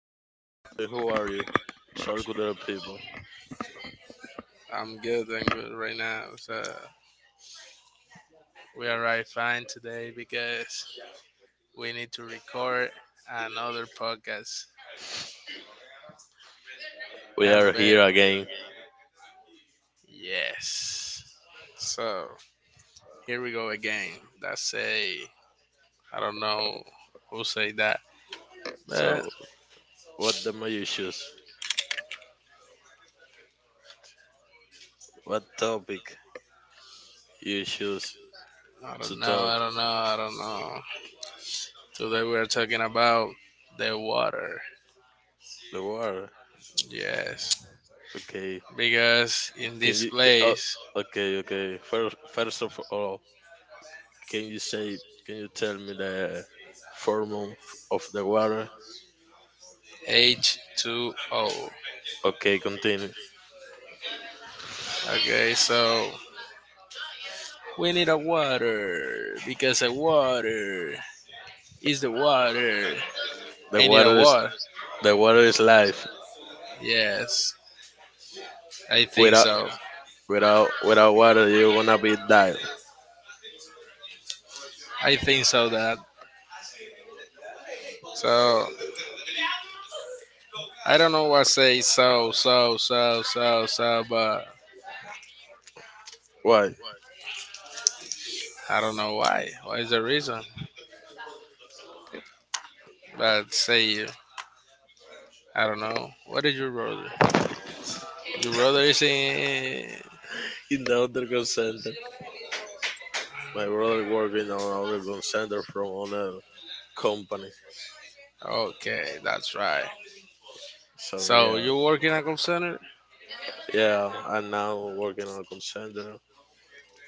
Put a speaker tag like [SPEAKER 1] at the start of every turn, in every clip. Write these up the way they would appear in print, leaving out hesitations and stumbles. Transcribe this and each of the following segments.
[SPEAKER 1] Roy. Roy, who are you? Charcuterie people.
[SPEAKER 2] I'm good. I'm good right now. So we are right fine today because we need to record another podcast.
[SPEAKER 1] We
[SPEAKER 2] And
[SPEAKER 1] are
[SPEAKER 2] ba-
[SPEAKER 1] here again.
[SPEAKER 2] yes, so here we go again. That's a I don't know who say that, but
[SPEAKER 1] So, what the you choose? What topic you choose to talk?
[SPEAKER 2] I don't know. Today we are talking about the water.
[SPEAKER 1] The war.
[SPEAKER 2] Yes,
[SPEAKER 1] Okay.
[SPEAKER 2] because in
[SPEAKER 1] Can
[SPEAKER 2] this
[SPEAKER 1] you? Oh,
[SPEAKER 2] place
[SPEAKER 1] okay, okay. First of all, can you say? Can you tell me the formula of the water?
[SPEAKER 2] H2O.
[SPEAKER 1] Okay, continue.
[SPEAKER 2] Okay, so we need a water because a water is the water.
[SPEAKER 1] The
[SPEAKER 2] I need a
[SPEAKER 1] water is
[SPEAKER 2] water.
[SPEAKER 1] the water is life.
[SPEAKER 2] Yes, I think so.
[SPEAKER 1] Without water, you gonna be died.
[SPEAKER 2] I think so that. So I don't know what say so, but
[SPEAKER 1] Why?
[SPEAKER 2] I don't know why. What is the reason? But say you. I don't know. What is your brother? Your brother is in.
[SPEAKER 1] In the underground center, my brother working on underground center from another company.
[SPEAKER 2] Okay, that's right.
[SPEAKER 1] So
[SPEAKER 2] So
[SPEAKER 1] yeah,
[SPEAKER 2] you work in a call center.
[SPEAKER 1] yeah, I'm now working on a call center.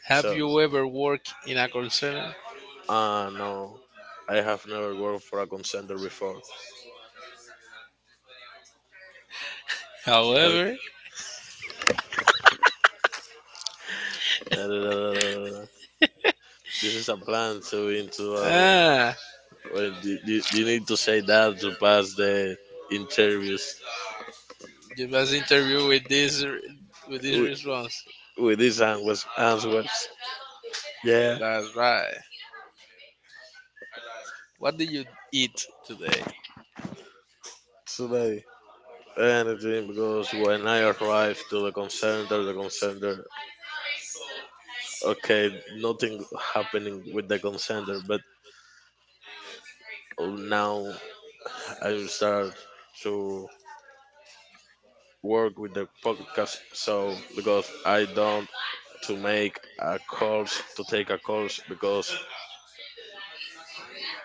[SPEAKER 2] Have
[SPEAKER 1] So
[SPEAKER 2] you ever worked in a call center?
[SPEAKER 1] no, I have never worked for a call center before. Uh,
[SPEAKER 2] However,
[SPEAKER 1] da- da- da- da- da- da- da. This is a plan to into.
[SPEAKER 2] ah,
[SPEAKER 1] Well, you need to say that to pass the interviews
[SPEAKER 2] you must interview with this
[SPEAKER 1] with,
[SPEAKER 2] response.
[SPEAKER 1] with these answers. Yeah.
[SPEAKER 2] That's right. What did you eat today?
[SPEAKER 1] So like, anything because when I arrived to the consenter, okay, nothing happening with the consenter, but now I will start to work with the podcast. So because I don't to make a course to take a course because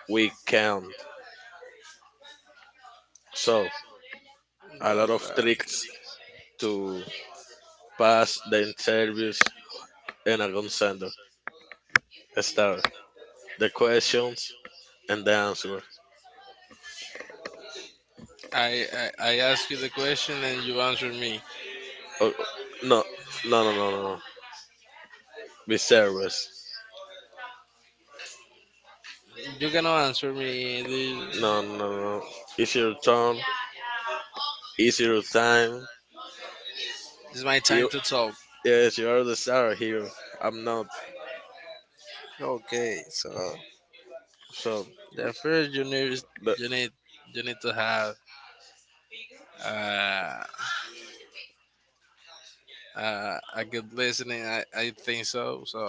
[SPEAKER 1] we can't. So a lot of
[SPEAKER 2] That's
[SPEAKER 1] tricks to pass the interviews and a consenter. Start the questions and the answer.
[SPEAKER 2] right. I ask you the question and you answer me.
[SPEAKER 1] Oh, no, no. Viserys.
[SPEAKER 2] You cannot answer me. This
[SPEAKER 1] No. It's your turn. It's your time.
[SPEAKER 2] is my time
[SPEAKER 1] You,
[SPEAKER 2] to talk.
[SPEAKER 1] yes, you are the star here. I'm not.
[SPEAKER 2] Okay, so
[SPEAKER 1] So,
[SPEAKER 2] the first you need is-
[SPEAKER 1] the,
[SPEAKER 2] you need you need to have uh, a good listening. I think so. So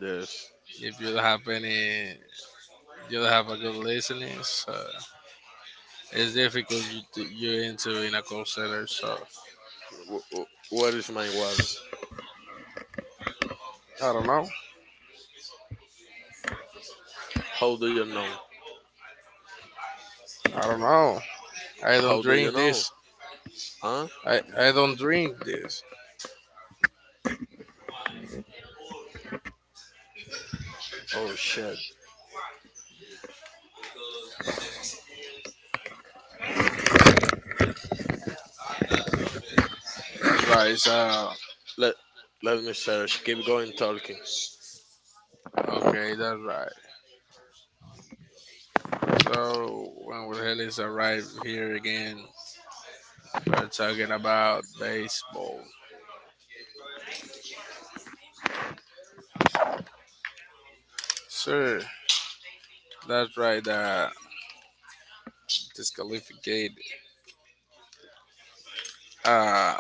[SPEAKER 1] yes.
[SPEAKER 2] if you don't have any, you don't have a good listening. So it's difficult you to, you into in a call center, so
[SPEAKER 1] What is my word?
[SPEAKER 2] I don't know.
[SPEAKER 1] How do you know?
[SPEAKER 2] I don't know. I
[SPEAKER 1] How
[SPEAKER 2] don't
[SPEAKER 1] do you
[SPEAKER 2] drink
[SPEAKER 1] know?
[SPEAKER 2] this.
[SPEAKER 1] Huh?
[SPEAKER 2] I, I don't drink this.
[SPEAKER 1] Oh shit.
[SPEAKER 2] Right, so
[SPEAKER 1] Let Let me search. Keep going talking.
[SPEAKER 2] okay, that's right. So when Will Ellis arrived here again, we're talking about baseball. Sure, that's right. Disqualificate. Uh,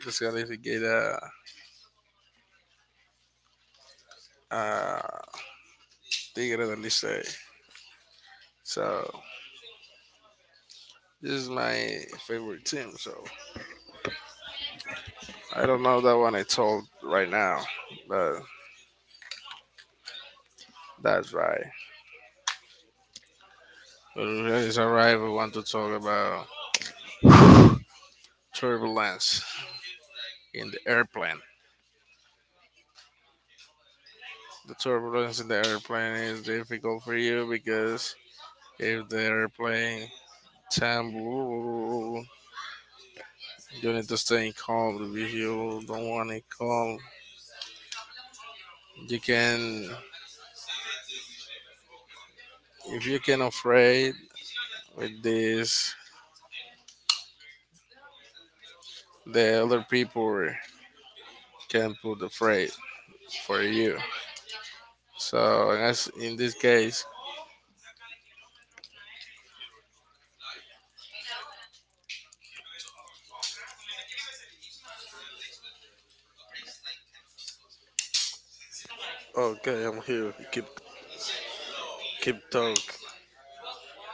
[SPEAKER 2] disqualificate. Uh, uh, Tigre del Licey. So this is my favorite team. So I don't know that one I told right now, but that's right. His arrival, we want to talk about turbulence in the airplane. The turbulence in the airplane is difficult for you because if the airplane tumble, you need to stay calm. If you don't want it calm, you can. If you can afraid with this, the other people can put afraid for you. So as in this case,
[SPEAKER 1] Okay, I'm here. Keep keep talk.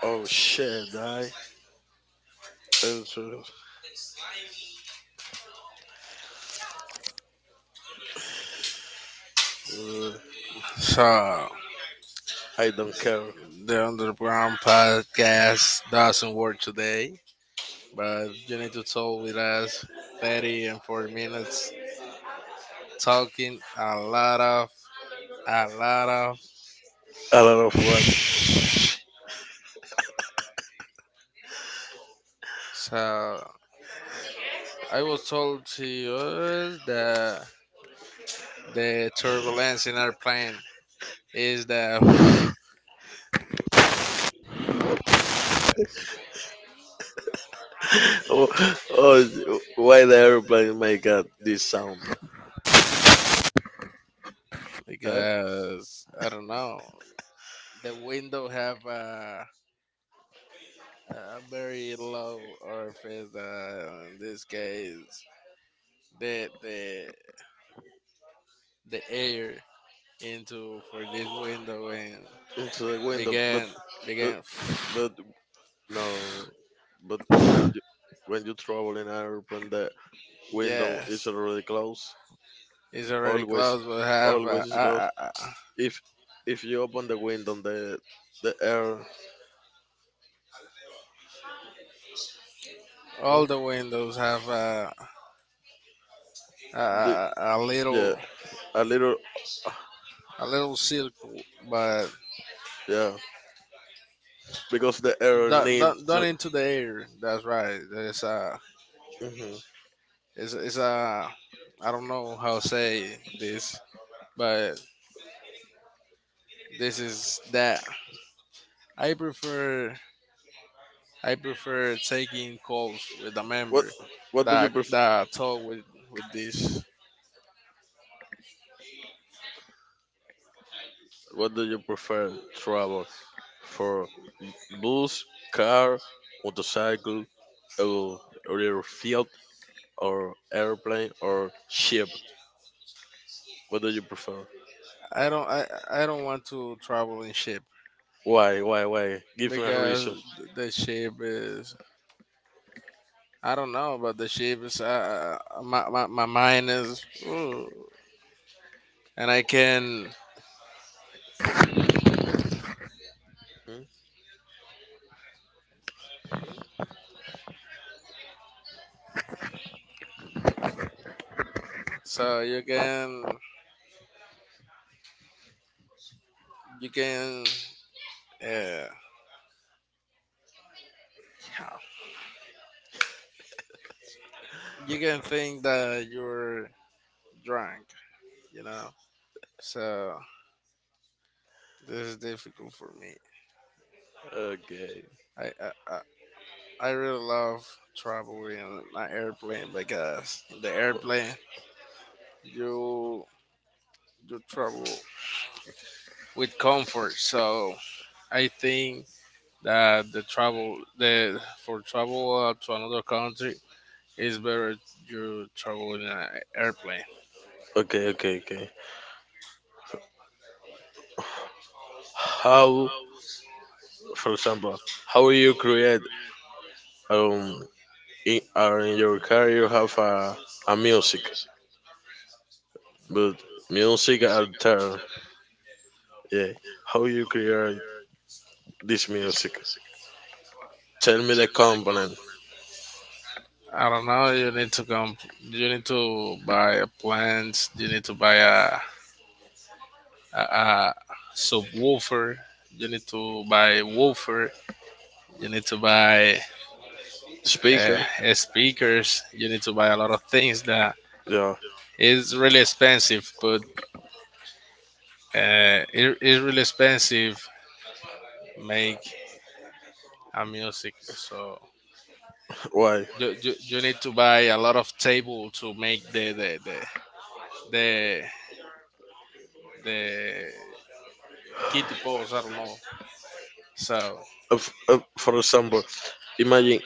[SPEAKER 1] Oh shit, uh,
[SPEAKER 2] so
[SPEAKER 1] I don't care.
[SPEAKER 2] the underground podcast doesn't work today, but you need to talk with us 30 and 40 minutes talking a lot of a lot of
[SPEAKER 1] I don't know what.
[SPEAKER 2] so I was told to you that the turbulence in our plane is that
[SPEAKER 1] Oh, oh, why the airplane make this sound? Eh?
[SPEAKER 2] because I don't know the window have a very low orifice in this case the the air into for this window and
[SPEAKER 1] It's like when the but
[SPEAKER 2] began
[SPEAKER 1] but
[SPEAKER 2] began
[SPEAKER 1] but no, but when you travel in airplane, the window is
[SPEAKER 2] yes
[SPEAKER 1] already closed.
[SPEAKER 2] it's already
[SPEAKER 1] Always,
[SPEAKER 2] closed but have
[SPEAKER 1] always is closed. If if you open the window, the air,
[SPEAKER 2] all
[SPEAKER 1] what?
[SPEAKER 2] the windows have uh,
[SPEAKER 1] The,
[SPEAKER 2] uh, a
[SPEAKER 1] yeah,
[SPEAKER 2] little
[SPEAKER 1] a little,
[SPEAKER 2] a little circle but
[SPEAKER 1] yeah, because the air
[SPEAKER 2] done,
[SPEAKER 1] needs
[SPEAKER 2] done,
[SPEAKER 1] to.
[SPEAKER 2] done into the air that's right there's a
[SPEAKER 1] Hmm.
[SPEAKER 2] it's a I don't know how to say this but this is that i prefer I prefer taking calls with a
[SPEAKER 1] What
[SPEAKER 2] member
[SPEAKER 1] what do you
[SPEAKER 2] that
[SPEAKER 1] prefer?
[SPEAKER 2] that talk with this.
[SPEAKER 1] What do you prefer travel for? Bus, car, motorcycle, or, or your field, or airplane, or ship? What do you prefer?
[SPEAKER 2] I don't I, I don't want to travel in ship
[SPEAKER 1] Why? Why? Why? Give me a
[SPEAKER 2] because
[SPEAKER 1] reason.
[SPEAKER 2] the ship is I don't know, but the ship is my mind is ooh, and I can
[SPEAKER 1] Hmm?
[SPEAKER 2] so you can you can uh, you can think that you're drunk, you know. So this is difficult for me.
[SPEAKER 1] Okay.
[SPEAKER 2] I I, I I really love traveling in an airplane because in the
[SPEAKER 1] O-
[SPEAKER 2] airplane you you travel with comfort. So I think that the travel the for travel to another country is better you travel in an airplane.
[SPEAKER 1] Okay. Okay. Okay. How, for example, how you create um in your car you have a music, but music alter. Yeah. How you create this music? Tell me the component.
[SPEAKER 2] I don't know. You need to come. You need to buy a plant. You need to buy a subwoofer. You need to buy woofer. You need to buy
[SPEAKER 1] Speaker.
[SPEAKER 2] speakers. You need to buy a lot of things that
[SPEAKER 1] Yeah.
[SPEAKER 2] is really expensive, but it is really expensive. Make a music, so
[SPEAKER 1] Why?
[SPEAKER 2] you need to buy a lot of table to make the the kitty pose. I don't know. So
[SPEAKER 1] For example, imagine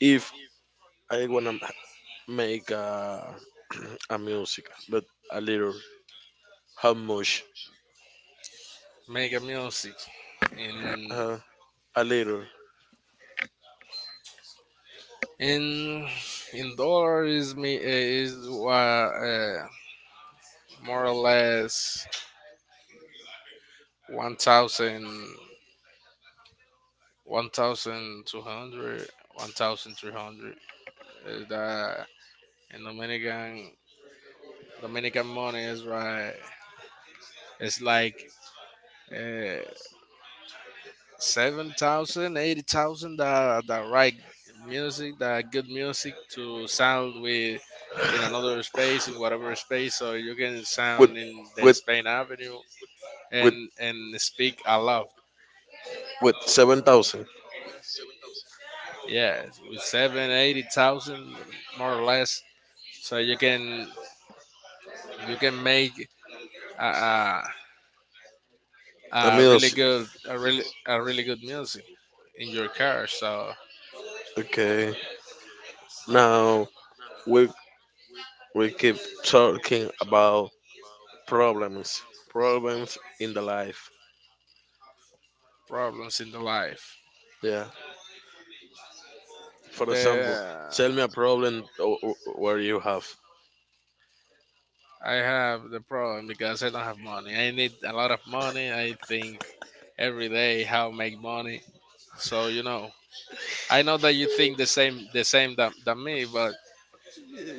[SPEAKER 1] if I wanna make a, a music, but a little How much?
[SPEAKER 2] make a music in
[SPEAKER 1] Uh, a liter
[SPEAKER 2] in in dollar is uh, uh, more or less one thousand one thousand two hundred, 1,300. 1,300. That in Dominican money is right. It's like uh, 7,000, that right music, that good music to sound with in another space, in whatever space, so you can
[SPEAKER 1] with
[SPEAKER 2] sound in the
[SPEAKER 1] with
[SPEAKER 2] Spain Avenue
[SPEAKER 1] with
[SPEAKER 2] and speak aloud.
[SPEAKER 1] 7,000.
[SPEAKER 2] Yeah, with seven, 80,000 more or less. So you can make uh, uh,
[SPEAKER 1] A meal.
[SPEAKER 2] really good, a really good music in your car. So
[SPEAKER 1] Okay. Now we we keep talking about problems, problems in the life.
[SPEAKER 2] problems in the life.
[SPEAKER 1] Yeah. For example,
[SPEAKER 2] The
[SPEAKER 1] tell me a problem where you have.
[SPEAKER 2] I have the problem because I don't have money. I need a lot of money. I think every day how make money. So you know, I know that you think the same than me, but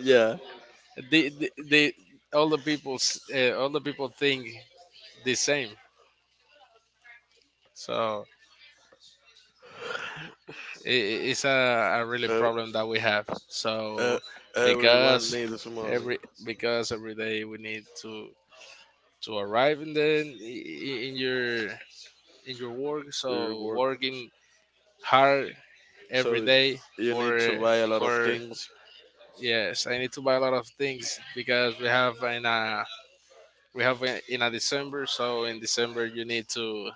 [SPEAKER 1] Yeah.
[SPEAKER 2] the all the people think the same. So I- it's a really
[SPEAKER 1] Uh,
[SPEAKER 2] problem that we have.
[SPEAKER 1] uh,
[SPEAKER 2] So
[SPEAKER 1] everyone
[SPEAKER 2] because
[SPEAKER 1] needs money.
[SPEAKER 2] every because every day we need to arrive and then in your work.
[SPEAKER 1] You're
[SPEAKER 2] So
[SPEAKER 1] workers,
[SPEAKER 2] working hard every
[SPEAKER 1] so
[SPEAKER 2] day
[SPEAKER 1] you
[SPEAKER 2] for
[SPEAKER 1] need to buy a lot of
[SPEAKER 2] for
[SPEAKER 1] things.
[SPEAKER 2] yes, I need to buy a lot of things because we have in a December. So in December you need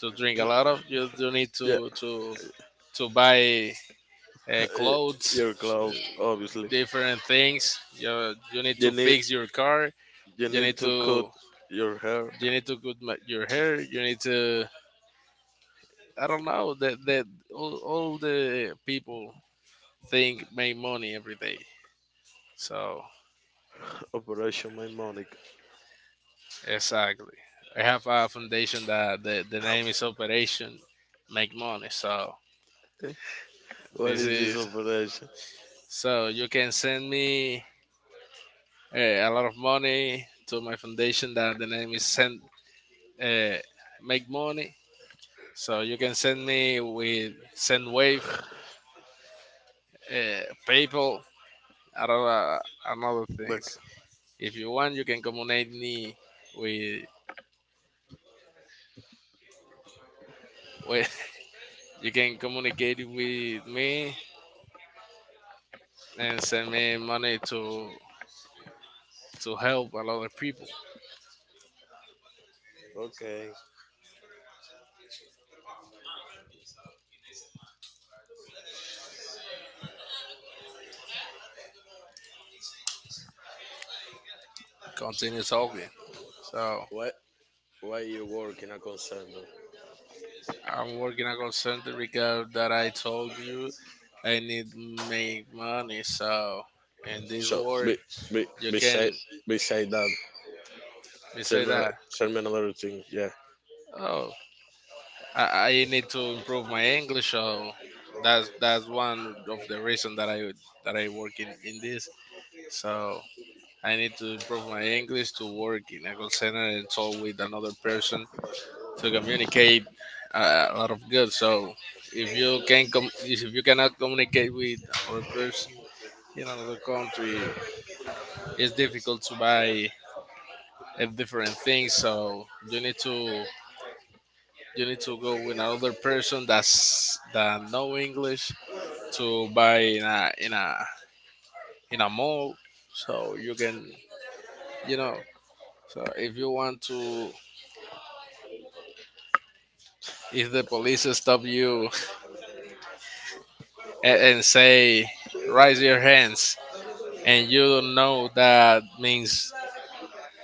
[SPEAKER 2] to drink a
[SPEAKER 1] Ju-
[SPEAKER 2] lot of you do need
[SPEAKER 1] Yeah.
[SPEAKER 2] to to buy clothes,
[SPEAKER 1] Your clothes, obviously.
[SPEAKER 2] different things. You need
[SPEAKER 1] You
[SPEAKER 2] to
[SPEAKER 1] need
[SPEAKER 2] fix your car.
[SPEAKER 1] You
[SPEAKER 2] You need
[SPEAKER 1] need to
[SPEAKER 2] to
[SPEAKER 1] cut your hair.
[SPEAKER 2] cut your hair. You need to I don't know that all the people think make money every day. So
[SPEAKER 1] Operation My Monica.
[SPEAKER 2] exactly, I have a foundation that the name is Operation Make Money. So
[SPEAKER 1] What
[SPEAKER 2] this
[SPEAKER 1] is this
[SPEAKER 2] is
[SPEAKER 1] operation?
[SPEAKER 2] so you can send me uh, a lot of money to my foundation that the name is send uh, make money. So you can send me with SendWave, PayPal, and other, and other
[SPEAKER 1] Look.
[SPEAKER 2] things. If you want, you can communicate me with, with you can communicate with me and send me money to help a lot of people
[SPEAKER 1] Okay.
[SPEAKER 2] continue talking. So
[SPEAKER 1] Why why you work in a concern?
[SPEAKER 2] I'm working at a call center because that I told you I need to make money. So in this
[SPEAKER 1] So
[SPEAKER 2] world,
[SPEAKER 1] be be
[SPEAKER 2] you can
[SPEAKER 1] beside beside that.
[SPEAKER 2] we
[SPEAKER 1] Tell
[SPEAKER 2] say
[SPEAKER 1] me
[SPEAKER 2] that
[SPEAKER 1] tell me another thing. Yeah.
[SPEAKER 2] oh, I need to improve my English. So that's one of the reason that I work in this. So I need to improve my English to work in a call center and talk with another person to communicate a lot of good. So if you cannot communicate with another person in another country, it's difficult to buy a different thing. So you need to go with another person that's that know English to buy in a mall, so you can you know. So if you want to, if the police stop you and say raise your hands, and you don't know that means,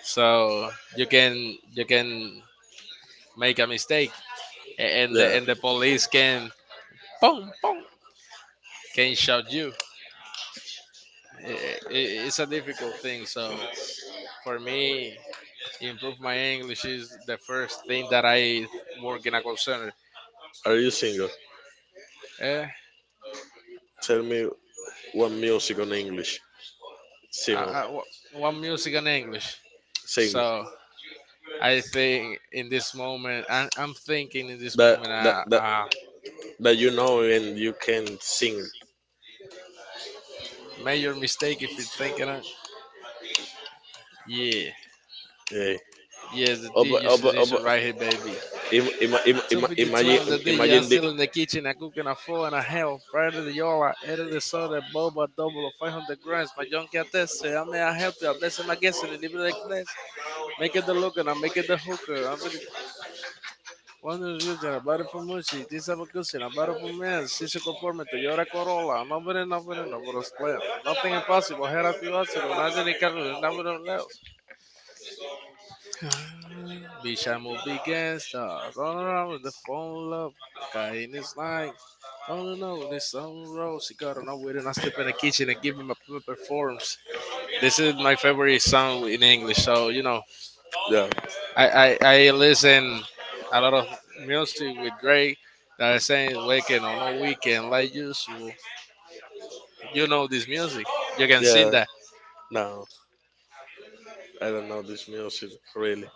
[SPEAKER 2] so you can you can make a mistake, and
[SPEAKER 1] Yeah.
[SPEAKER 2] the police can boom boom can shout you. I it's a difficult thing. So for me, improve my English is the first thing that I work in a call center.
[SPEAKER 1] Are you single?
[SPEAKER 2] Eh,
[SPEAKER 1] Tell me one music on English. Single.
[SPEAKER 2] wha- what music and English?
[SPEAKER 1] Single.
[SPEAKER 2] So I think in this moment, I'm thinking in this
[SPEAKER 1] That
[SPEAKER 2] moment, a
[SPEAKER 1] that, that you know and you can sing.
[SPEAKER 2] major mistake if you're thinking, yeah,
[SPEAKER 1] Yeah.
[SPEAKER 2] yes, the
[SPEAKER 1] Op,
[SPEAKER 2] DJ
[SPEAKER 1] op, op,
[SPEAKER 2] situation right here, baby.
[SPEAKER 1] im, im, im, im,
[SPEAKER 2] 252
[SPEAKER 1] imagine
[SPEAKER 2] on the DJ. I'm
[SPEAKER 1] imagine the
[SPEAKER 2] still in the kitchen. I'm cooking a four and a half. Prior to the yola, edit the soda, boba, double of 500 grams. My junkie test. I may I help you. I bless him. I guess it. Leave it like this. Make it the look and I make it the hooker. I'm very one of the reasons I bought it for music. This have a cushion. I bought it for men. She's a compartment. Toyota Corolla. I'm nobody, nobody else play. Nothing impossible. Here a few hours ago. Now they can't nobody else. Be shy, move, be gangsters. All around with the phone love. Guy in his life. Oh no, this song roll. She got on with it. And I step in the kitchen and give him a performance. This is my favorite song in English, so you know
[SPEAKER 1] yeah
[SPEAKER 2] I listen a lot of music with Drake that are saying waking on no weekend like usual. You know this music. You can
[SPEAKER 1] yeah
[SPEAKER 2] sing that.
[SPEAKER 1] no I don't know this music really.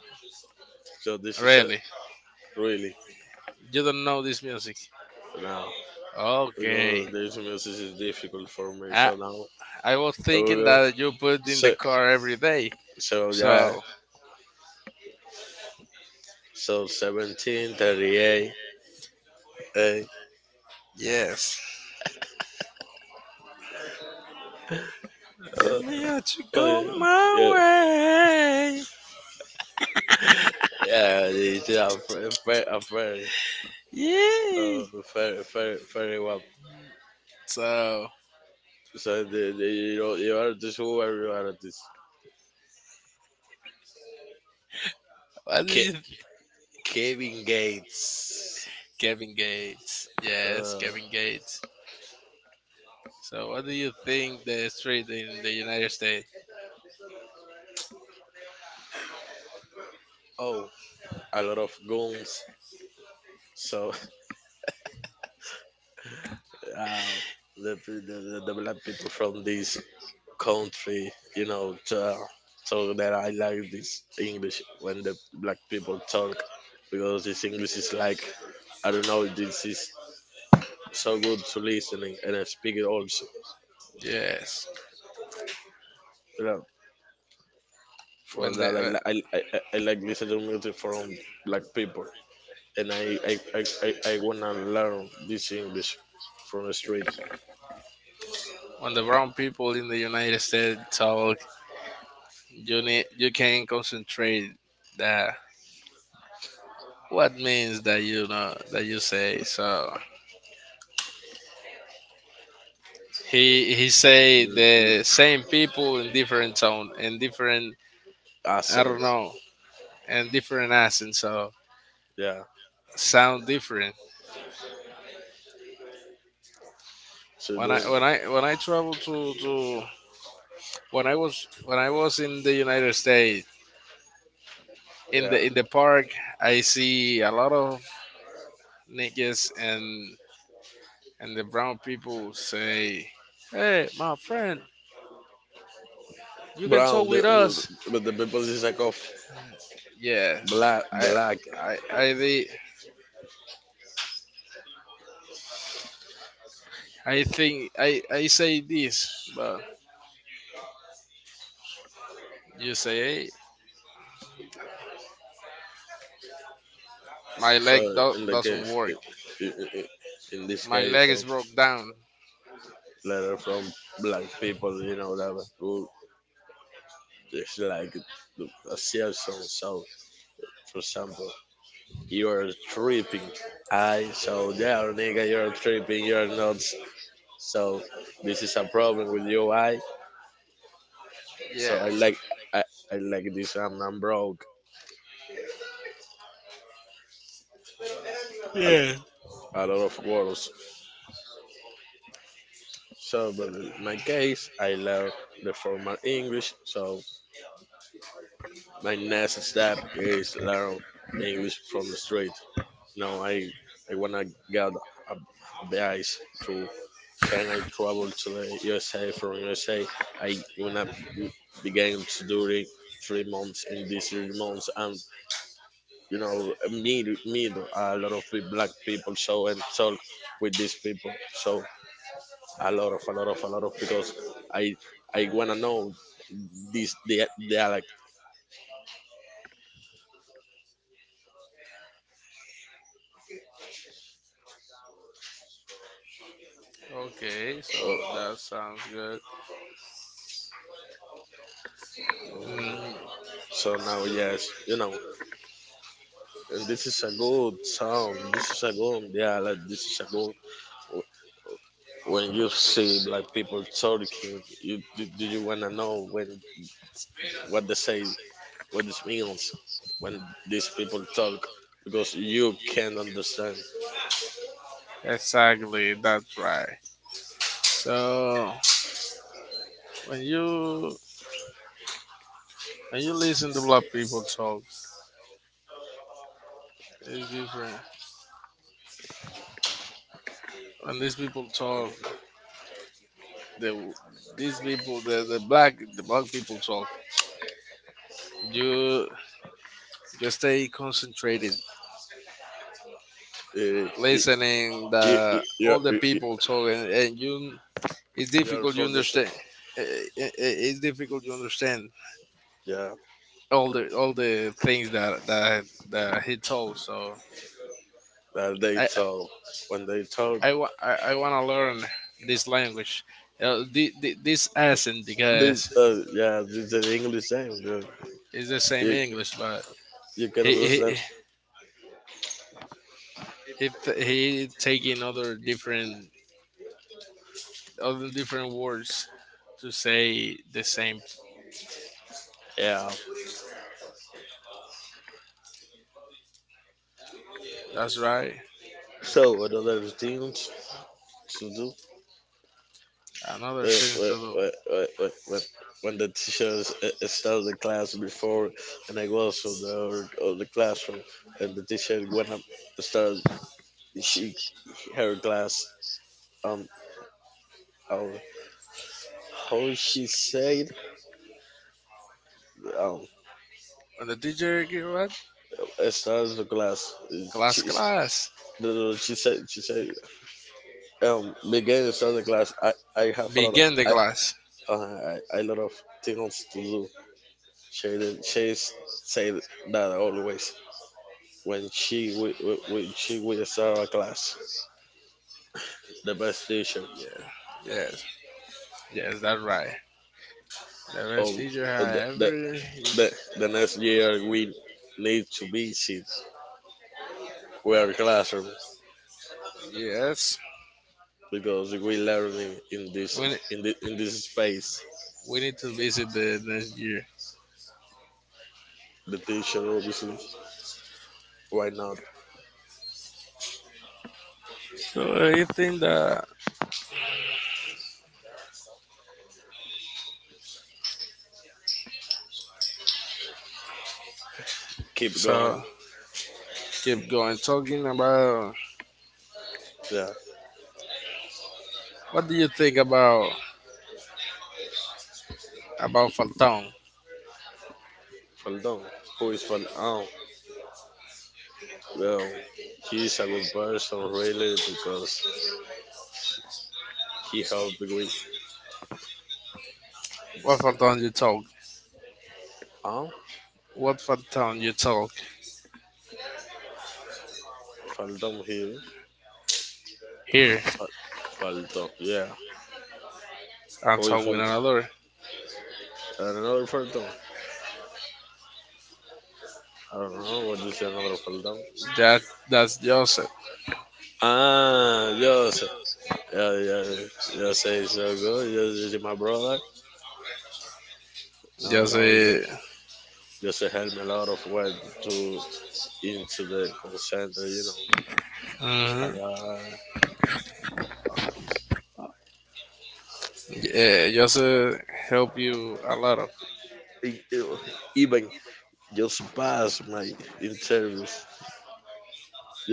[SPEAKER 1] So this is a
[SPEAKER 2] Really.
[SPEAKER 1] really
[SPEAKER 2] You don't know this music.
[SPEAKER 1] now
[SPEAKER 2] Okay.
[SPEAKER 1] because this music is difficult for me.
[SPEAKER 2] I
[SPEAKER 1] So now
[SPEAKER 2] I was thinking
[SPEAKER 1] okay.
[SPEAKER 2] that you put in
[SPEAKER 1] So,
[SPEAKER 2] the car every day.
[SPEAKER 1] so yeah.
[SPEAKER 2] So
[SPEAKER 1] So 1738. Eh,
[SPEAKER 2] yes. Let
[SPEAKER 1] uh,
[SPEAKER 2] me let you
[SPEAKER 1] oh,
[SPEAKER 2] go my
[SPEAKER 1] yeah,
[SPEAKER 2] way.
[SPEAKER 1] yeah, it's a very,
[SPEAKER 2] Yeah.
[SPEAKER 1] uh, very, very, very well.
[SPEAKER 2] So
[SPEAKER 1] So the you know you are this who are you are this
[SPEAKER 2] what do
[SPEAKER 1] Ke-
[SPEAKER 2] you
[SPEAKER 1] Kevin Gates.
[SPEAKER 2] Kevin Gates. Yes,
[SPEAKER 1] Uh,
[SPEAKER 2] Kevin Gates. So, what do you think the street in the United States?
[SPEAKER 1] oh, a lot of guns. So uh, the, the, the the black people from this country, you know, to, so that I like this English when the black people talk because this English is like I don't know, this is so good to listening and I speak it also.
[SPEAKER 2] Yes,
[SPEAKER 1] You know, for
[SPEAKER 2] when the
[SPEAKER 1] that I
[SPEAKER 2] uh,
[SPEAKER 1] I like listening music from black people and I wanna learn this English from the street,
[SPEAKER 2] when the brown people in the United States talk, you need you can concentrate that what means that you know that you say. So he say
[SPEAKER 1] the
[SPEAKER 2] the same people in different tone and different
[SPEAKER 1] accent,
[SPEAKER 2] I don't know and different accent. So
[SPEAKER 1] yeah.
[SPEAKER 2] sound different.
[SPEAKER 1] So
[SPEAKER 2] When
[SPEAKER 1] the
[SPEAKER 2] I when I when I travel to when I was in the United States, in
[SPEAKER 1] yeah.
[SPEAKER 2] the park, I see a lot of niggas and the brown people say, "Hey, my friend, you can
[SPEAKER 1] Brown,
[SPEAKER 2] talk
[SPEAKER 1] the,
[SPEAKER 2] with us."
[SPEAKER 1] but the people is like of
[SPEAKER 2] Yeah.
[SPEAKER 1] black,
[SPEAKER 2] i
[SPEAKER 1] black.
[SPEAKER 2] i i thi- I think I say this, but you say, "Hey, my
[SPEAKER 1] So
[SPEAKER 2] leg
[SPEAKER 1] in the
[SPEAKER 2] doesn't
[SPEAKER 1] case,
[SPEAKER 2] work.
[SPEAKER 1] i- i- i- in this
[SPEAKER 2] My
[SPEAKER 1] case,
[SPEAKER 2] leg is broke down."
[SPEAKER 1] letter from black people, you know, that who is like the association. So, so, for example, you're tripping. I so yeah, nigga, you're tripping. You're nuts. So this is a problem with you. I so
[SPEAKER 2] Yes.
[SPEAKER 1] I like this. I'm broke.
[SPEAKER 2] Yeah.
[SPEAKER 1] A lot of words. So, but in my case, I learned the formal English. So, my next step is learn English from the street. Now, I wanna get a advice to can I travel to the USA from USA? I wanna begin to do it 3 months in these 3 months and you know meet a lot of black people so and talk with these people so a lot of because I I wanna know this dialect.
[SPEAKER 2] Okay, so
[SPEAKER 1] Oh,
[SPEAKER 2] that sounds good. Mm,
[SPEAKER 1] so now, yes, you know, and this is a good sound. This is a good dialect. This is a good. When you see black people talking, you do, do you wanna know when what they say, what this means, when these people talk, because you can't understand.
[SPEAKER 2] exactly, that's right. So when you when you listen to black people talk, it's different. When these people talk, the these people, the black people talk, you stay concentrated,
[SPEAKER 1] Uh, y-
[SPEAKER 2] listening the
[SPEAKER 1] you're,
[SPEAKER 2] all the
[SPEAKER 1] y-
[SPEAKER 2] people talk, and you it's
[SPEAKER 1] you're
[SPEAKER 2] difficult you
[SPEAKER 1] focusing.
[SPEAKER 2] understand. It's difficult to understand
[SPEAKER 1] Yeah,
[SPEAKER 2] all the things that he told. So
[SPEAKER 1] that they
[SPEAKER 2] I
[SPEAKER 1] talk. When they talk,
[SPEAKER 2] I want to learn this language, this accent,
[SPEAKER 1] this
[SPEAKER 2] because
[SPEAKER 1] yeah, this is the English language.
[SPEAKER 2] it's the same
[SPEAKER 1] You
[SPEAKER 2] English, but
[SPEAKER 1] you can
[SPEAKER 2] he he
[SPEAKER 1] understand
[SPEAKER 2] he, he taking other different words to say the same.
[SPEAKER 1] Yeah.
[SPEAKER 2] That's right.
[SPEAKER 1] So another routine to do
[SPEAKER 2] Another
[SPEAKER 1] when
[SPEAKER 2] thing to do.
[SPEAKER 1] the start the class before, and I was from the of the classroom, and the teacher went up to start she her class um how how she said um
[SPEAKER 2] When the teacher give what
[SPEAKER 1] I started the class
[SPEAKER 2] class
[SPEAKER 1] she,
[SPEAKER 2] class
[SPEAKER 1] no, no, she said began to start the class I have a lot
[SPEAKER 2] begin the
[SPEAKER 1] I
[SPEAKER 2] class.
[SPEAKER 1] I lot of things to do She didn't. She say that always when she when she with our class, the best teacher.
[SPEAKER 2] Yeah. Yes. Yes. That's right. The best
[SPEAKER 1] Um,
[SPEAKER 2] teacher
[SPEAKER 1] on
[SPEAKER 2] I ever.
[SPEAKER 1] the the next year we need to visit our classroom
[SPEAKER 2] Yes.
[SPEAKER 1] because we learning in this
[SPEAKER 2] When it,
[SPEAKER 1] in the, in this space.
[SPEAKER 2] we need to visit the next year.
[SPEAKER 1] The teacher obviously. Why not
[SPEAKER 2] So you think that.
[SPEAKER 1] keep
[SPEAKER 2] So
[SPEAKER 1] going?
[SPEAKER 2] keep going talking about.
[SPEAKER 1] Yeah,
[SPEAKER 2] What do you think about Phantom?
[SPEAKER 1] Faldon. Who is Faldon? Well, he's a good person really because he helped with.
[SPEAKER 2] What Phantom you talk?
[SPEAKER 1] Um,
[SPEAKER 2] What Phantom you talk
[SPEAKER 1] Faldon here.
[SPEAKER 2] here
[SPEAKER 1] Fal- Faltón. Yeah.
[SPEAKER 2] and
[SPEAKER 1] Hoy
[SPEAKER 2] talk with
[SPEAKER 1] Faltón.
[SPEAKER 2] another?
[SPEAKER 1] And another Faltón. I don't know what you say, another Faltón.
[SPEAKER 2] That that's
[SPEAKER 1] Ah, yo sé. Yeah, yeah. Yo sé, so good. Yo, yo, my brother. No,
[SPEAKER 2] just
[SPEAKER 1] no, yo,
[SPEAKER 2] a
[SPEAKER 1] yo sé, help me a lot of way to into the call center, you know.
[SPEAKER 2] mhm.
[SPEAKER 1] Uh,
[SPEAKER 2] Yeah, just help you a lot of,
[SPEAKER 1] even just pass my interviews.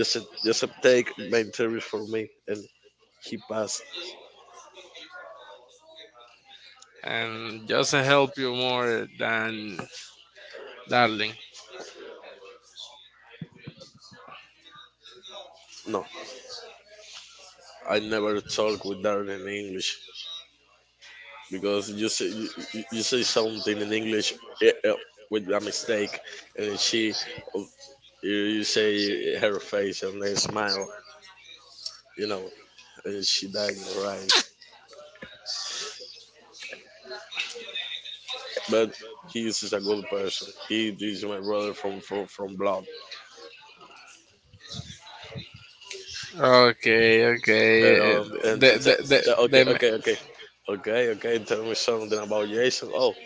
[SPEAKER 1] Just, just take my interviews for me and he passed.
[SPEAKER 2] and just help you more than darling.
[SPEAKER 1] No, I never talk with Darren in English. Because you you say something in English eh, eh, with a mistake, and then she you, you say her face and then smile, you know, and she died in her eyes. But he is a good person. He is my brother from from blood.
[SPEAKER 2] Okay, okay.
[SPEAKER 1] And
[SPEAKER 2] The
[SPEAKER 1] t-
[SPEAKER 2] the
[SPEAKER 1] t-
[SPEAKER 2] the
[SPEAKER 1] t-
[SPEAKER 2] the
[SPEAKER 1] okay,
[SPEAKER 2] ma-
[SPEAKER 1] okay, okay. Okay, okay, tell me something about Jason. Oh,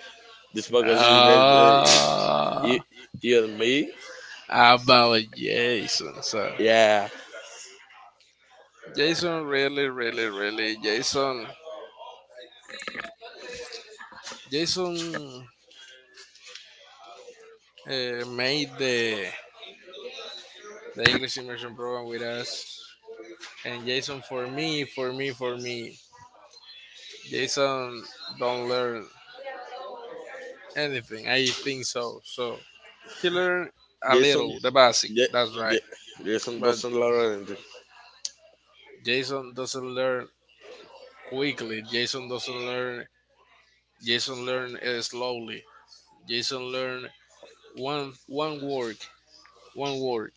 [SPEAKER 1] this podcast is that
[SPEAKER 2] ah
[SPEAKER 1] you, you and me?
[SPEAKER 2] About Jason. So
[SPEAKER 1] Yeah.
[SPEAKER 2] Jason, really, really, really Jason. Jason made the English immersion program with us. And Jason, for me, Jason don't learn anything. I think so. So he learned a little,
[SPEAKER 1] Jason,
[SPEAKER 2] the basic.
[SPEAKER 1] Ja-
[SPEAKER 2] That's right.
[SPEAKER 1] Ja- Jason
[SPEAKER 2] But
[SPEAKER 1] doesn't learn anything.
[SPEAKER 2] Jason doesn't learn quickly. Jason doesn't learn. Jason learn slowly. Jason learn one word, one word.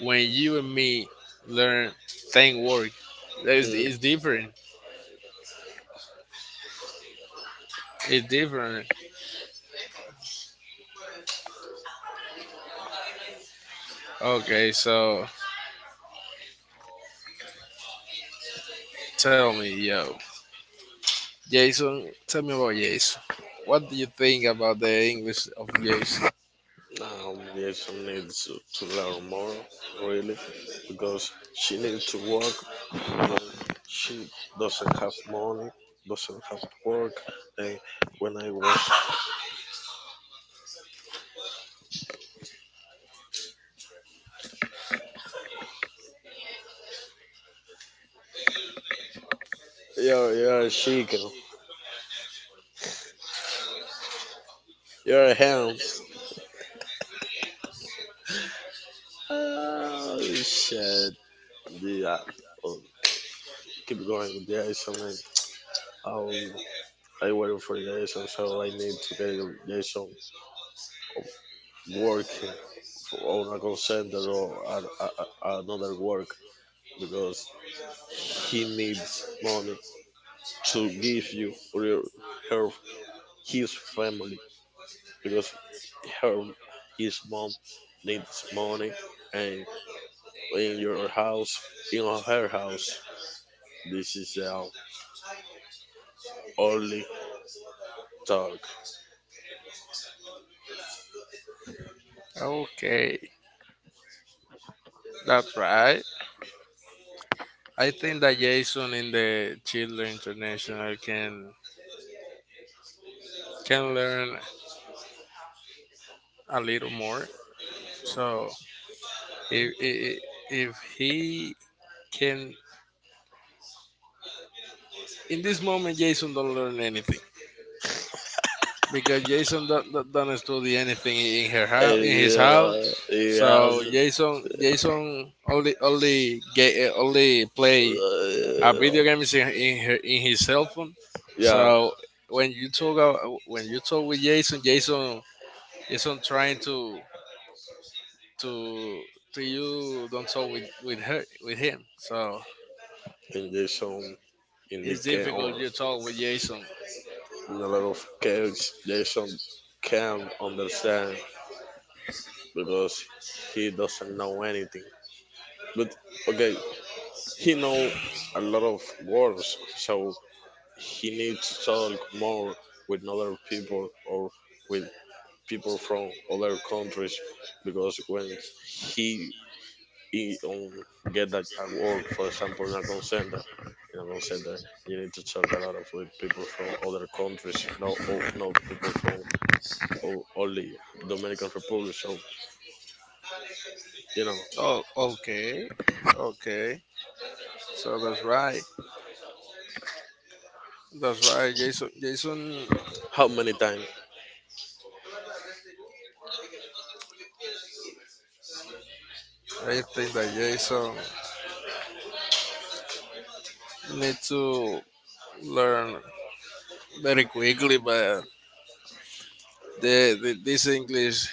[SPEAKER 2] When you and me learn ten word, it's
[SPEAKER 1] Mm.
[SPEAKER 2] different. It's different. Okay, so tell me, yo, Jason, tell me about Jason. What do you think about the English of Jason?
[SPEAKER 1] Yes, I need to learn more, really, because she needs to work. You know, she doesn't have money, doesn't have work. And when I was, you're a chicken, you're a hands. Oh shit! Yeah, oh, keep going with Jason. And, um, I waiting for Jason, so I need to get Jason working for on a call center or another work because He needs money to give you real her his family because her his mom needs money and in your house in her house this is our only talk
[SPEAKER 2] Okay, that's right. I think that Jason in the Children International can learn a little more. So if if, if he can, in this moment, Jason don't learn anything, because Jason don't study anything in her house, in
[SPEAKER 1] and
[SPEAKER 2] his house.
[SPEAKER 1] he
[SPEAKER 2] So
[SPEAKER 1] has
[SPEAKER 2] Jason only get, only play a video
[SPEAKER 1] uh,
[SPEAKER 2] games in in his cell phone.
[SPEAKER 1] yeah
[SPEAKER 2] So when you talk with Jason Jason trying to to you don't talk with her with him. So
[SPEAKER 1] and there's some in
[SPEAKER 2] it's
[SPEAKER 1] the can
[SPEAKER 2] difficult
[SPEAKER 1] or
[SPEAKER 2] you talk with Jason.
[SPEAKER 1] in a lot of kids there's some can not understand because he doesn't know anything but okay He know a lot of words, so he needs to talk more with other people or with people from other countries because when he, he um, get that award, for example, in a consent, you need to talk a lot of with people from other countries, no, no people from only Dominican Republic. So you know
[SPEAKER 2] Oh, okay, okay. So that's right. That's right, Jason. Jason,
[SPEAKER 1] how many times
[SPEAKER 2] I think that Jason need to learn very quickly, but the this English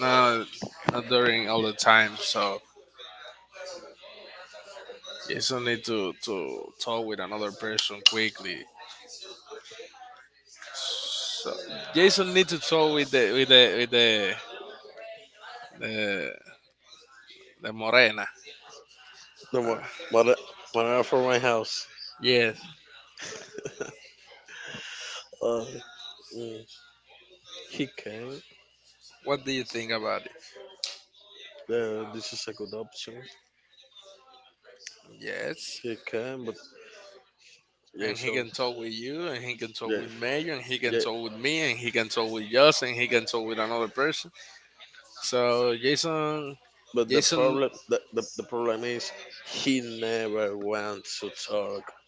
[SPEAKER 2] not during all the time. So Jason need to talk with another person quickly. So Jason need to talk with the, the Morena.
[SPEAKER 1] the
[SPEAKER 2] Uh,
[SPEAKER 1] one- when I, when I from my house.
[SPEAKER 2] yes.
[SPEAKER 1] Uh, mm, he came.
[SPEAKER 2] What do you think about it?
[SPEAKER 1] Yeah, this is a good option.
[SPEAKER 2] Yes.
[SPEAKER 1] He can, but
[SPEAKER 2] And he
[SPEAKER 1] Jason,
[SPEAKER 2] can talk with you, and he can talk
[SPEAKER 1] yeah,
[SPEAKER 2] with Mayor, and he can
[SPEAKER 1] yeah.
[SPEAKER 2] talk with me, and he can talk with us, and he can talk with another person. So Jason,
[SPEAKER 1] But the
[SPEAKER 2] Jason,
[SPEAKER 1] problem, the problem is, he never wants to talk.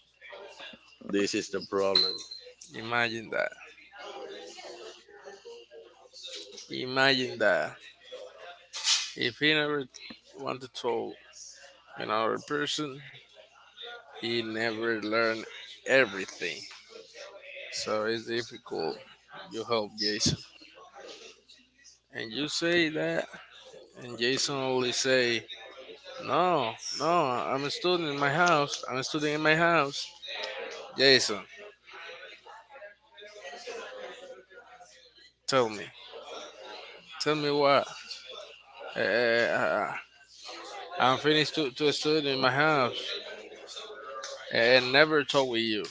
[SPEAKER 1] This is the problem.
[SPEAKER 2] imagine that. Imagine that. If he never wanted to tell another person, he never learned everything. So it's difficult. You help Jason, and you say that, and Jason only say, "No, no, I'm a student in my house. I'm a student in my house." Jason, tell me, tell me what. Uh, I'm finished to a student in my house and never talk with you,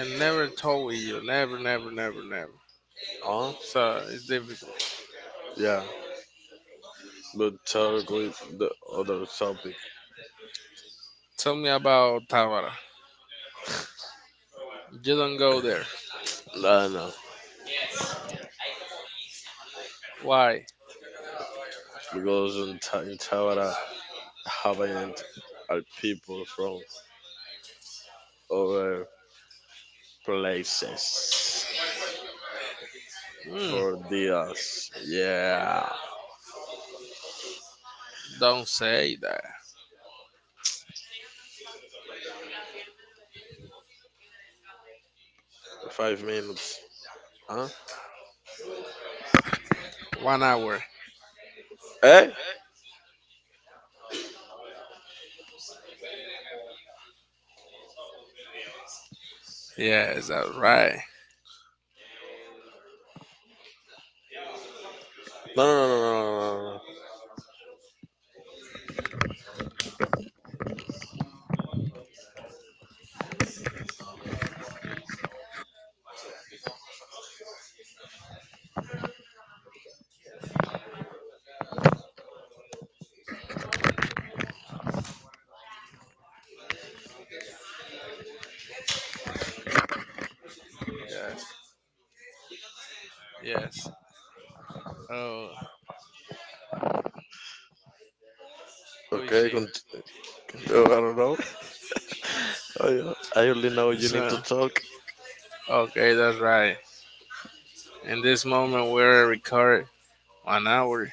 [SPEAKER 2] and never told you. Never, never, never, never.
[SPEAKER 1] Huh?
[SPEAKER 2] So it's difficult.
[SPEAKER 1] Yeah, but talk with the other topic.
[SPEAKER 2] Tell me about Tabara. You don't go there.
[SPEAKER 1] No, no,
[SPEAKER 2] Why?
[SPEAKER 1] because in, in Tawara, Hawaiian are people from other places
[SPEAKER 2] Mm,
[SPEAKER 1] for dias. Yeah,
[SPEAKER 2] don't say that.
[SPEAKER 1] 5 minutes. Huh?
[SPEAKER 2] 1 hour.
[SPEAKER 1] Eh?
[SPEAKER 2] Yes, that's right.
[SPEAKER 1] No.
[SPEAKER 2] Yes, yes. Oh, who is
[SPEAKER 1] Okay,
[SPEAKER 2] she?
[SPEAKER 1] oh, I don't know. I only know you
[SPEAKER 2] So,
[SPEAKER 1] need to talk.
[SPEAKER 2] okay, that's right. In this moment, we're recording 1 hour.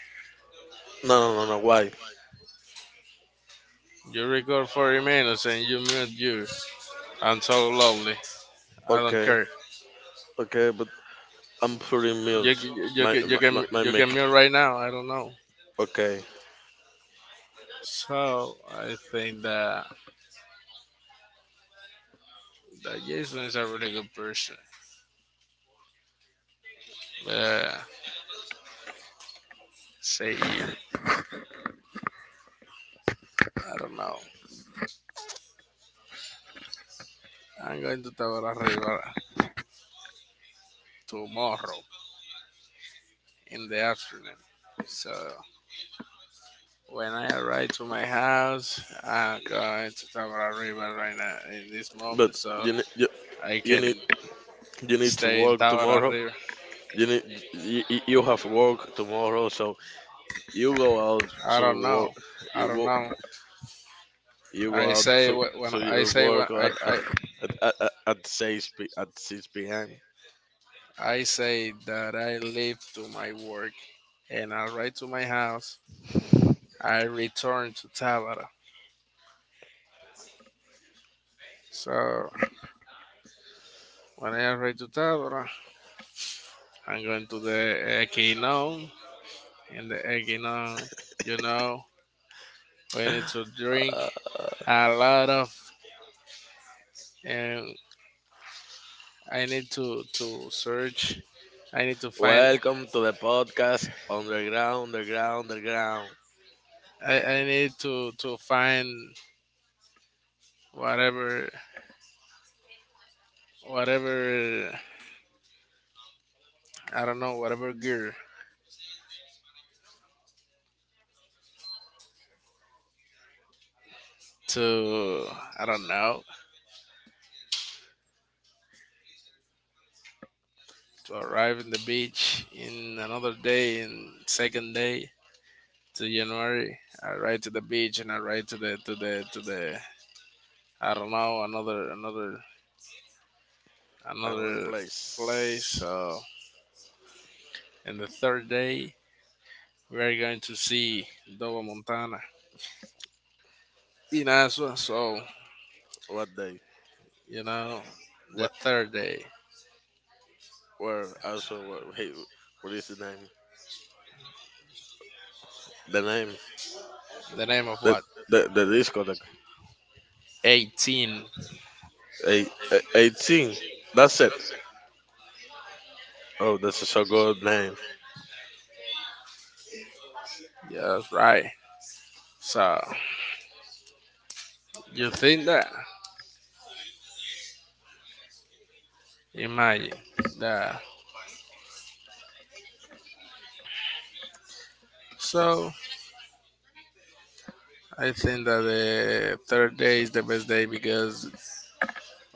[SPEAKER 1] No, no, no, no. Why?
[SPEAKER 2] You record 40 minutes and you mute you. I'm so lovely. I don't
[SPEAKER 1] Okay,
[SPEAKER 2] care.
[SPEAKER 1] okay, but I'm pretty
[SPEAKER 2] You,
[SPEAKER 1] mute.
[SPEAKER 2] you, you,
[SPEAKER 1] My
[SPEAKER 2] can, you,
[SPEAKER 1] my,
[SPEAKER 2] can,
[SPEAKER 1] my my
[SPEAKER 2] you can
[SPEAKER 1] mic.
[SPEAKER 2] mute right now. I don't know.
[SPEAKER 1] Okay,
[SPEAKER 2] So I think that Jason is a really good person. But seguir, I don't know. I'm going to Tabor River tomorrow in the afternoon. So when I arrive to my house, I'm going to Tabor River right now in this
[SPEAKER 1] but
[SPEAKER 2] moment, so
[SPEAKER 1] you need you,
[SPEAKER 2] I
[SPEAKER 1] you
[SPEAKER 2] can
[SPEAKER 1] need you need to
[SPEAKER 2] stay in
[SPEAKER 1] work
[SPEAKER 2] Tabor
[SPEAKER 1] tomorrow.
[SPEAKER 2] River.
[SPEAKER 1] You need you have work tomorrow, so you go out
[SPEAKER 2] I
[SPEAKER 1] to
[SPEAKER 2] don't know.
[SPEAKER 1] work.
[SPEAKER 2] I
[SPEAKER 1] You
[SPEAKER 2] don't
[SPEAKER 1] go
[SPEAKER 2] know.
[SPEAKER 1] you go
[SPEAKER 2] I
[SPEAKER 1] out
[SPEAKER 2] say
[SPEAKER 1] to
[SPEAKER 2] wh-
[SPEAKER 1] to your
[SPEAKER 2] when
[SPEAKER 1] work at six p.m.
[SPEAKER 2] I say that I leave to my work and I ride to my house. I return to Tabara. So when I arrive to Tabara, I'm going to the Equinon. And the Equinon, you know, we need to drink a lot of, and I need to search. I need to find.
[SPEAKER 1] Welcome to the podcast Underground, Underground, Underground.
[SPEAKER 2] I need to find whatever whatever I don't know whatever gear to I don't know to arrive in the beach in another day in second day to January. I ride to the beach and I ride to the I don't know another
[SPEAKER 1] Another
[SPEAKER 2] another place.
[SPEAKER 1] place.
[SPEAKER 2] So and the third day we are going to see Doba Montana in Aswa. So
[SPEAKER 1] What day?
[SPEAKER 2] you know the
[SPEAKER 1] What?
[SPEAKER 2] third day
[SPEAKER 1] Where? Also, what, hey, what is the name? The name?
[SPEAKER 2] the name of
[SPEAKER 1] The
[SPEAKER 2] what
[SPEAKER 1] the discotheque.
[SPEAKER 2] 18.
[SPEAKER 1] 18. That's it. Oh, that's a so good name.
[SPEAKER 2] Yes, right. So you think that imagine that so I think that the third day is the best day, because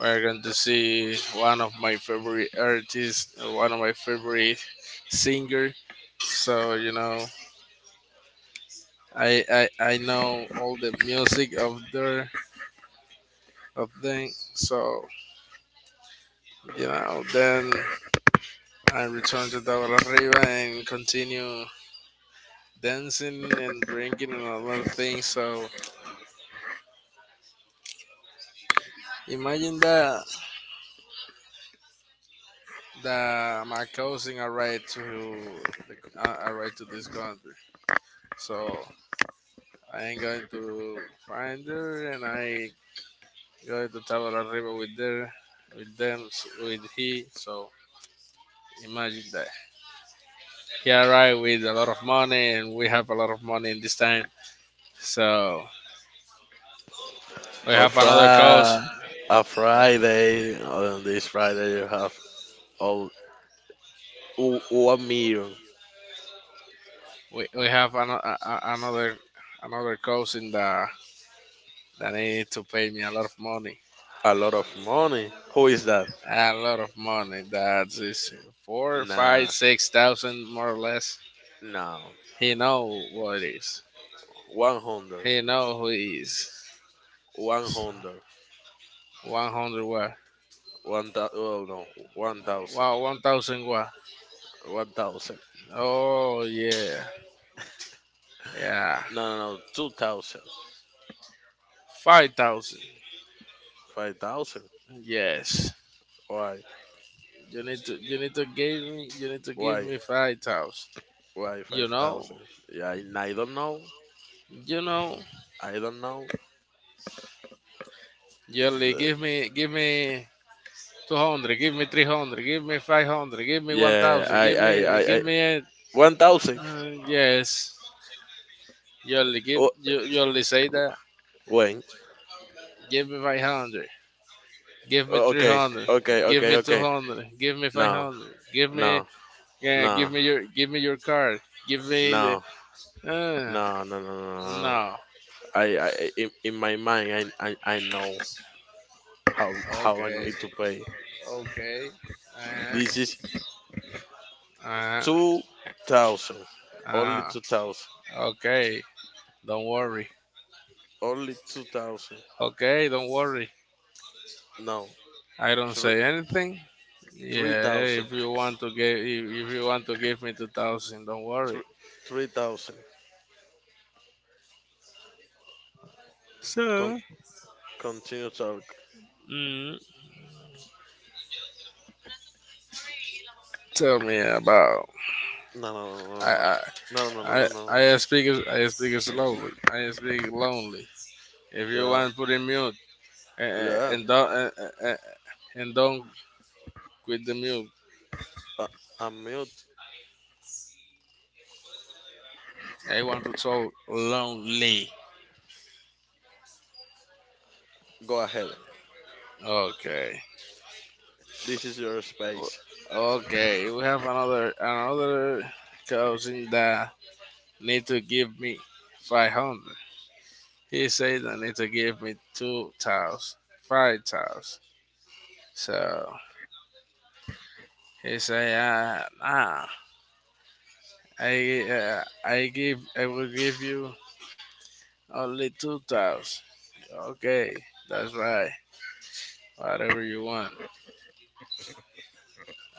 [SPEAKER 2] we're going to see one of my favorite artists, one of my favorite singer. So you know, I know all the music of their of them. So you know, then I return to Tabla Arriba and continue dancing and drinking and a lot of things. So imagine that my cousin arrived to the, arrived to this country. So I'm going to find her, and I going to travel arriba with her, with them, with he. So imagine that he arrived with a lot of money and we have a lot of money in this time. So we
[SPEAKER 1] A
[SPEAKER 2] have
[SPEAKER 1] Fri
[SPEAKER 2] another coach.
[SPEAKER 1] a Friday. On this Friday, you have all 1,000,000.
[SPEAKER 2] We have another another coach in the that need to pay me a lot of money.
[SPEAKER 1] A lot of money. Who is that?
[SPEAKER 2] A lot of money. That is four, five,
[SPEAKER 1] Nah,
[SPEAKER 2] 6,000, more or less.
[SPEAKER 1] no.
[SPEAKER 2] He know what it is.
[SPEAKER 1] 100.
[SPEAKER 2] He know who he is.
[SPEAKER 1] 100.
[SPEAKER 2] 100 watt.
[SPEAKER 1] 1,000. Oh no, one thousand.
[SPEAKER 2] Wow, 1,000 watt.
[SPEAKER 1] 1,000.
[SPEAKER 2] Oh, yeah. Yeah.
[SPEAKER 1] No, no, no. 2,000.
[SPEAKER 2] 5,000.
[SPEAKER 1] 5,000.
[SPEAKER 2] Yes.
[SPEAKER 1] Why?
[SPEAKER 2] You need to give
[SPEAKER 1] Why?
[SPEAKER 2] me 5,000.
[SPEAKER 1] Why
[SPEAKER 2] You
[SPEAKER 1] five
[SPEAKER 2] know?
[SPEAKER 1] thousand? Yeah, I don't know.
[SPEAKER 2] You know?
[SPEAKER 1] I don't know.
[SPEAKER 2] Yearly
[SPEAKER 1] Z-
[SPEAKER 2] give me 200, give me 300, give me 500, give me
[SPEAKER 1] Yeah,
[SPEAKER 2] 1,000,
[SPEAKER 1] I, I, I,
[SPEAKER 2] give
[SPEAKER 1] I.
[SPEAKER 2] me it.
[SPEAKER 1] 1,000.
[SPEAKER 2] Uh, yes. Yearly give
[SPEAKER 1] Oh,
[SPEAKER 2] you yearly say that.
[SPEAKER 1] wait.
[SPEAKER 2] Give me 500. Give me
[SPEAKER 1] Okay,
[SPEAKER 2] 300.
[SPEAKER 1] okay,
[SPEAKER 2] Give
[SPEAKER 1] okay,
[SPEAKER 2] me
[SPEAKER 1] okay.
[SPEAKER 2] 200. Give me
[SPEAKER 1] No,
[SPEAKER 2] 500. Give me,
[SPEAKER 1] no,
[SPEAKER 2] yeah,
[SPEAKER 1] no,
[SPEAKER 2] give me your card. Give me
[SPEAKER 1] no,
[SPEAKER 2] the
[SPEAKER 1] no, no, no, no. no.
[SPEAKER 2] no.
[SPEAKER 1] In my mind, I know how I
[SPEAKER 2] Okay,
[SPEAKER 1] need to pay.
[SPEAKER 2] okay.
[SPEAKER 1] This is
[SPEAKER 2] Uh,
[SPEAKER 1] 2,000. Only
[SPEAKER 2] uh,
[SPEAKER 1] two
[SPEAKER 2] uh,
[SPEAKER 1] thousand.
[SPEAKER 2] okay. Don't worry.
[SPEAKER 1] Only 2,000.
[SPEAKER 2] Okay, don't worry.
[SPEAKER 1] No.
[SPEAKER 2] I don't
[SPEAKER 1] Three
[SPEAKER 2] say anything.
[SPEAKER 1] three
[SPEAKER 2] Yeah,
[SPEAKER 1] thousand.
[SPEAKER 2] if you want to give, if you want to give me 2,000, don't worry.
[SPEAKER 1] Three three thousand. Con-
[SPEAKER 2] So,
[SPEAKER 1] Continue talk.
[SPEAKER 2] mm, tell me about
[SPEAKER 1] No no no
[SPEAKER 2] I
[SPEAKER 1] no
[SPEAKER 2] I
[SPEAKER 1] no no no no no no no.
[SPEAKER 2] I speak, I speak slowly. I speak lonely. If you
[SPEAKER 1] no.
[SPEAKER 2] want, put in mute and
[SPEAKER 1] Yeah yeah.
[SPEAKER 2] don't and, and don't quit the milk.
[SPEAKER 1] Uh, I'm mute.
[SPEAKER 2] I want to so lonely.
[SPEAKER 1] Go ahead.
[SPEAKER 2] Okay.
[SPEAKER 1] This is your space.
[SPEAKER 2] O- Okay, we have another another cousin that need to give me 500. He said I need to give me two tiles, five tiles. So he say, nah, I will give you only two tiles. Okay, that's right. Whatever you want,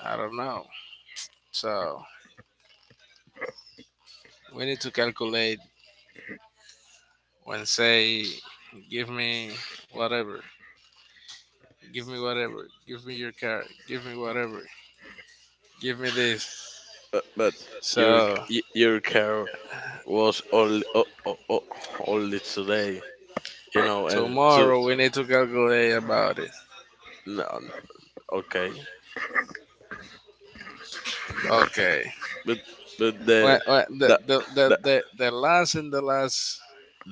[SPEAKER 2] I don't know. So we need to calculate when say, give me whatever, give me whatever, give me your car, give me whatever, give me this.
[SPEAKER 1] But your your care was only only today. You know and two. No. Okay. But but the the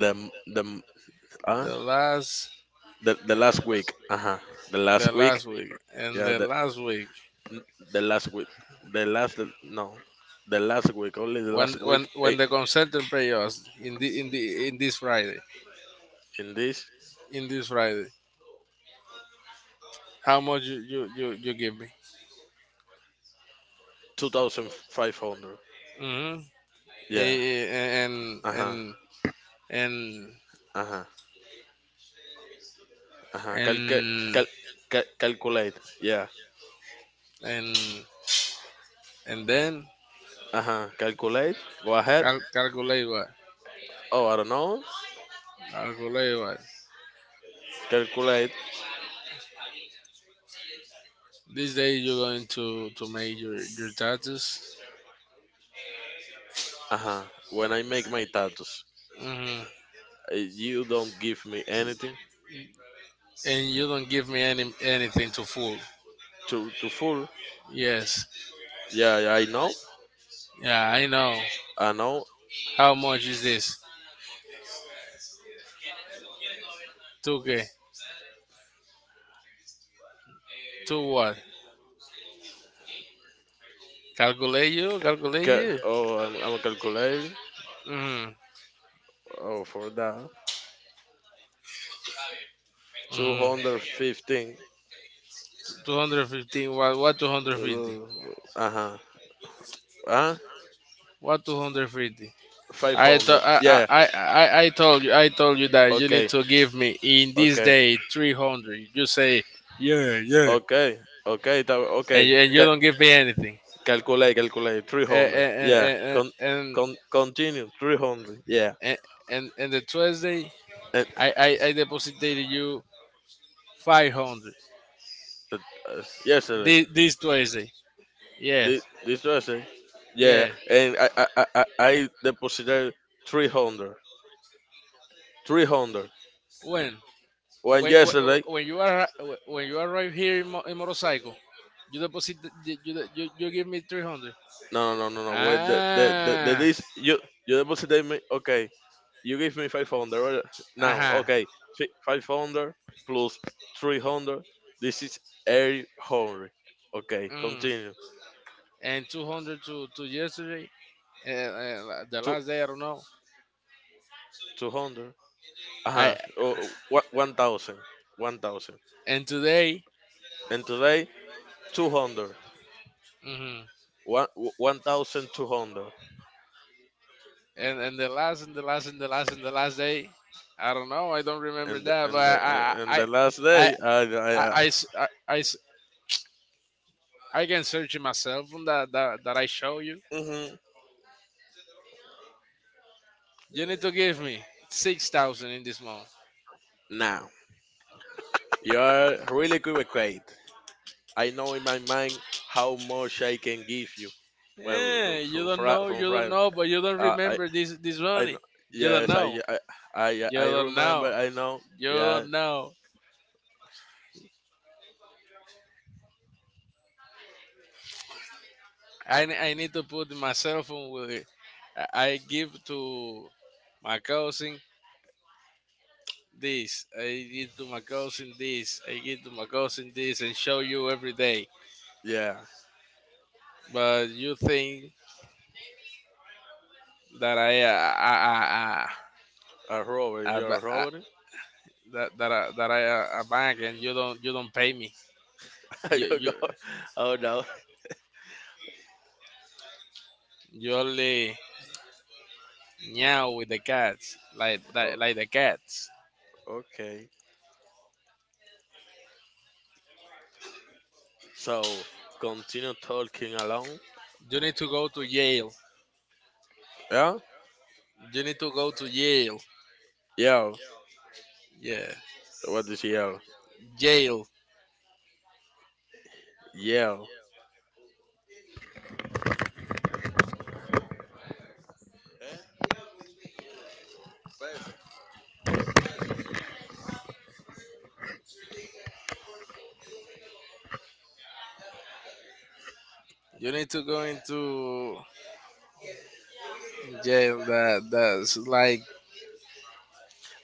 [SPEAKER 1] the the Uh, the last week. Uh huh. The last week. Yeah. N- the last week. The last no. The last week. Only the last week. In this 2,500. Yeah. Uh huh. Uh huh. Uh huh. Cal- Calculate. Yeah. Uh huh. Calculate. Go ahead. Oh, I don't know. Calculate. Uh huh. When I make my tattoos, you don't give me anything to full. Yeah. Yeah, I know. I know. Oh, I'm a calculator. Oh, for that. 215. Uh, uh-huh. Huh? 500. Yeah. Yeah. Okay. Okay. Okay. Okay. That, okay. Calculate. Calculate. 300. Yeah. Continue. 300. Yeah. And yesterday. This, this yesterday. Yeah. And I deposited 300. 300. When yesterday. No, no, no, no, no. Wait. This. You deposited me. Okay. You give me 500, right now. Okay, 500 plus 300. This is 800. Okay, continue. Two, 200. Uh-huh. Oh, 1,000. 1,000. And today, 200. One- 1,200. And the last day, I mhm. Now, you are really equivocated. I know in my mind how much I can give you. Well, look, so from Friday. Uh, I, I know. Yes, I remember. I know. Yeah, yeah. A robber. You're a robber. I go. Oh no. Oh, okay. So continue talking along. Yeah. Yeah. What did she yell? Yeah.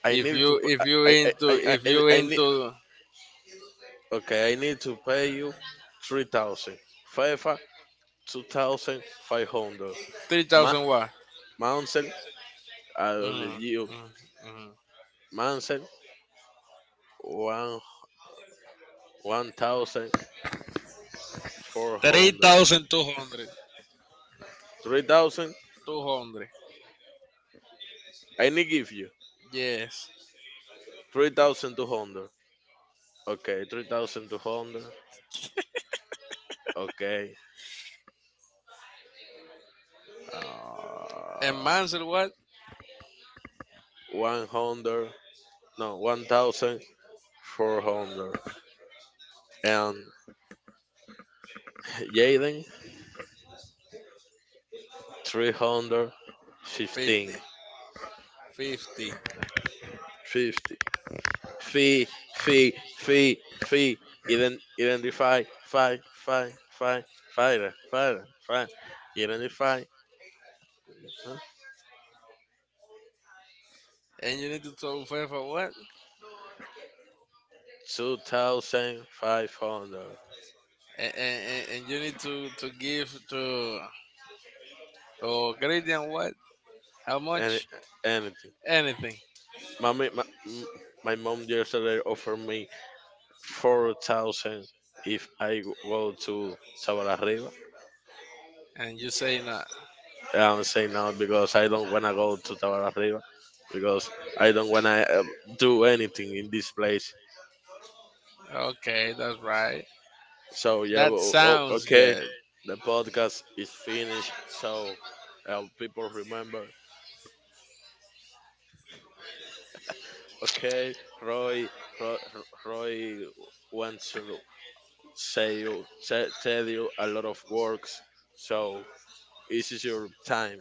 [SPEAKER 1] I need to. I I I I, I need. Okay. I need to pay you 3,000. FIFA 2,500. Ma- Manson. I don't need you. Mountain one one thousand four hundred. 3,000. I need give you 3,200. Okay, 3,200. Okay. Uh, 100. No, 1,400. And Jaden, 315. 50. Fee, fee, fee, fee. Identify. Five, five, five, fire, fire, fire. Identify. Huh, 2,500. Any, anything. My, ma- my, m- my mom yesterday offered me 4,000 if I go to Tabararriba. I'm saying no because I don't want to go to Tabararriba because I don't want to do anything in this place. So, yeah, okay, the podcast is finished. So, people remember, okay, Roy, Roy, Roy went to say tell you a lot of works, so this is your time.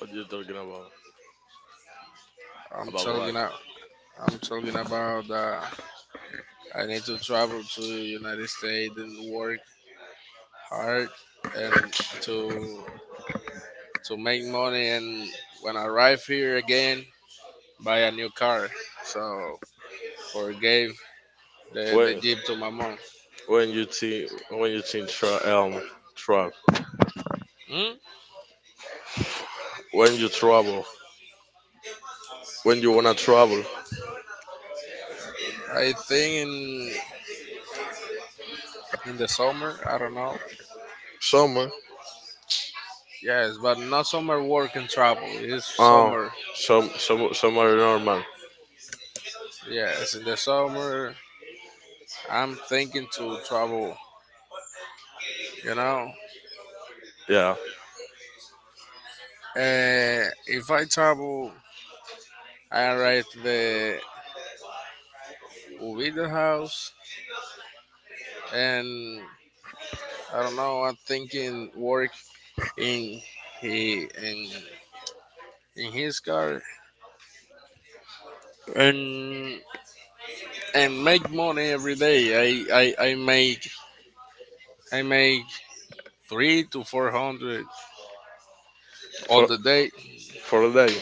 [SPEAKER 1] What you talking about? About what? When when you see when you see tra- um truck when you travel when you wanna travel somewhere um some summer normal yeah for for a day.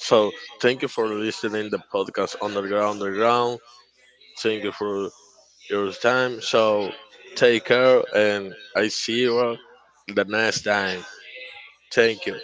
[SPEAKER 1] So thank you for listening the podcast underground underground. Thank you for your time. So take care and I see you all the next time. Thank you.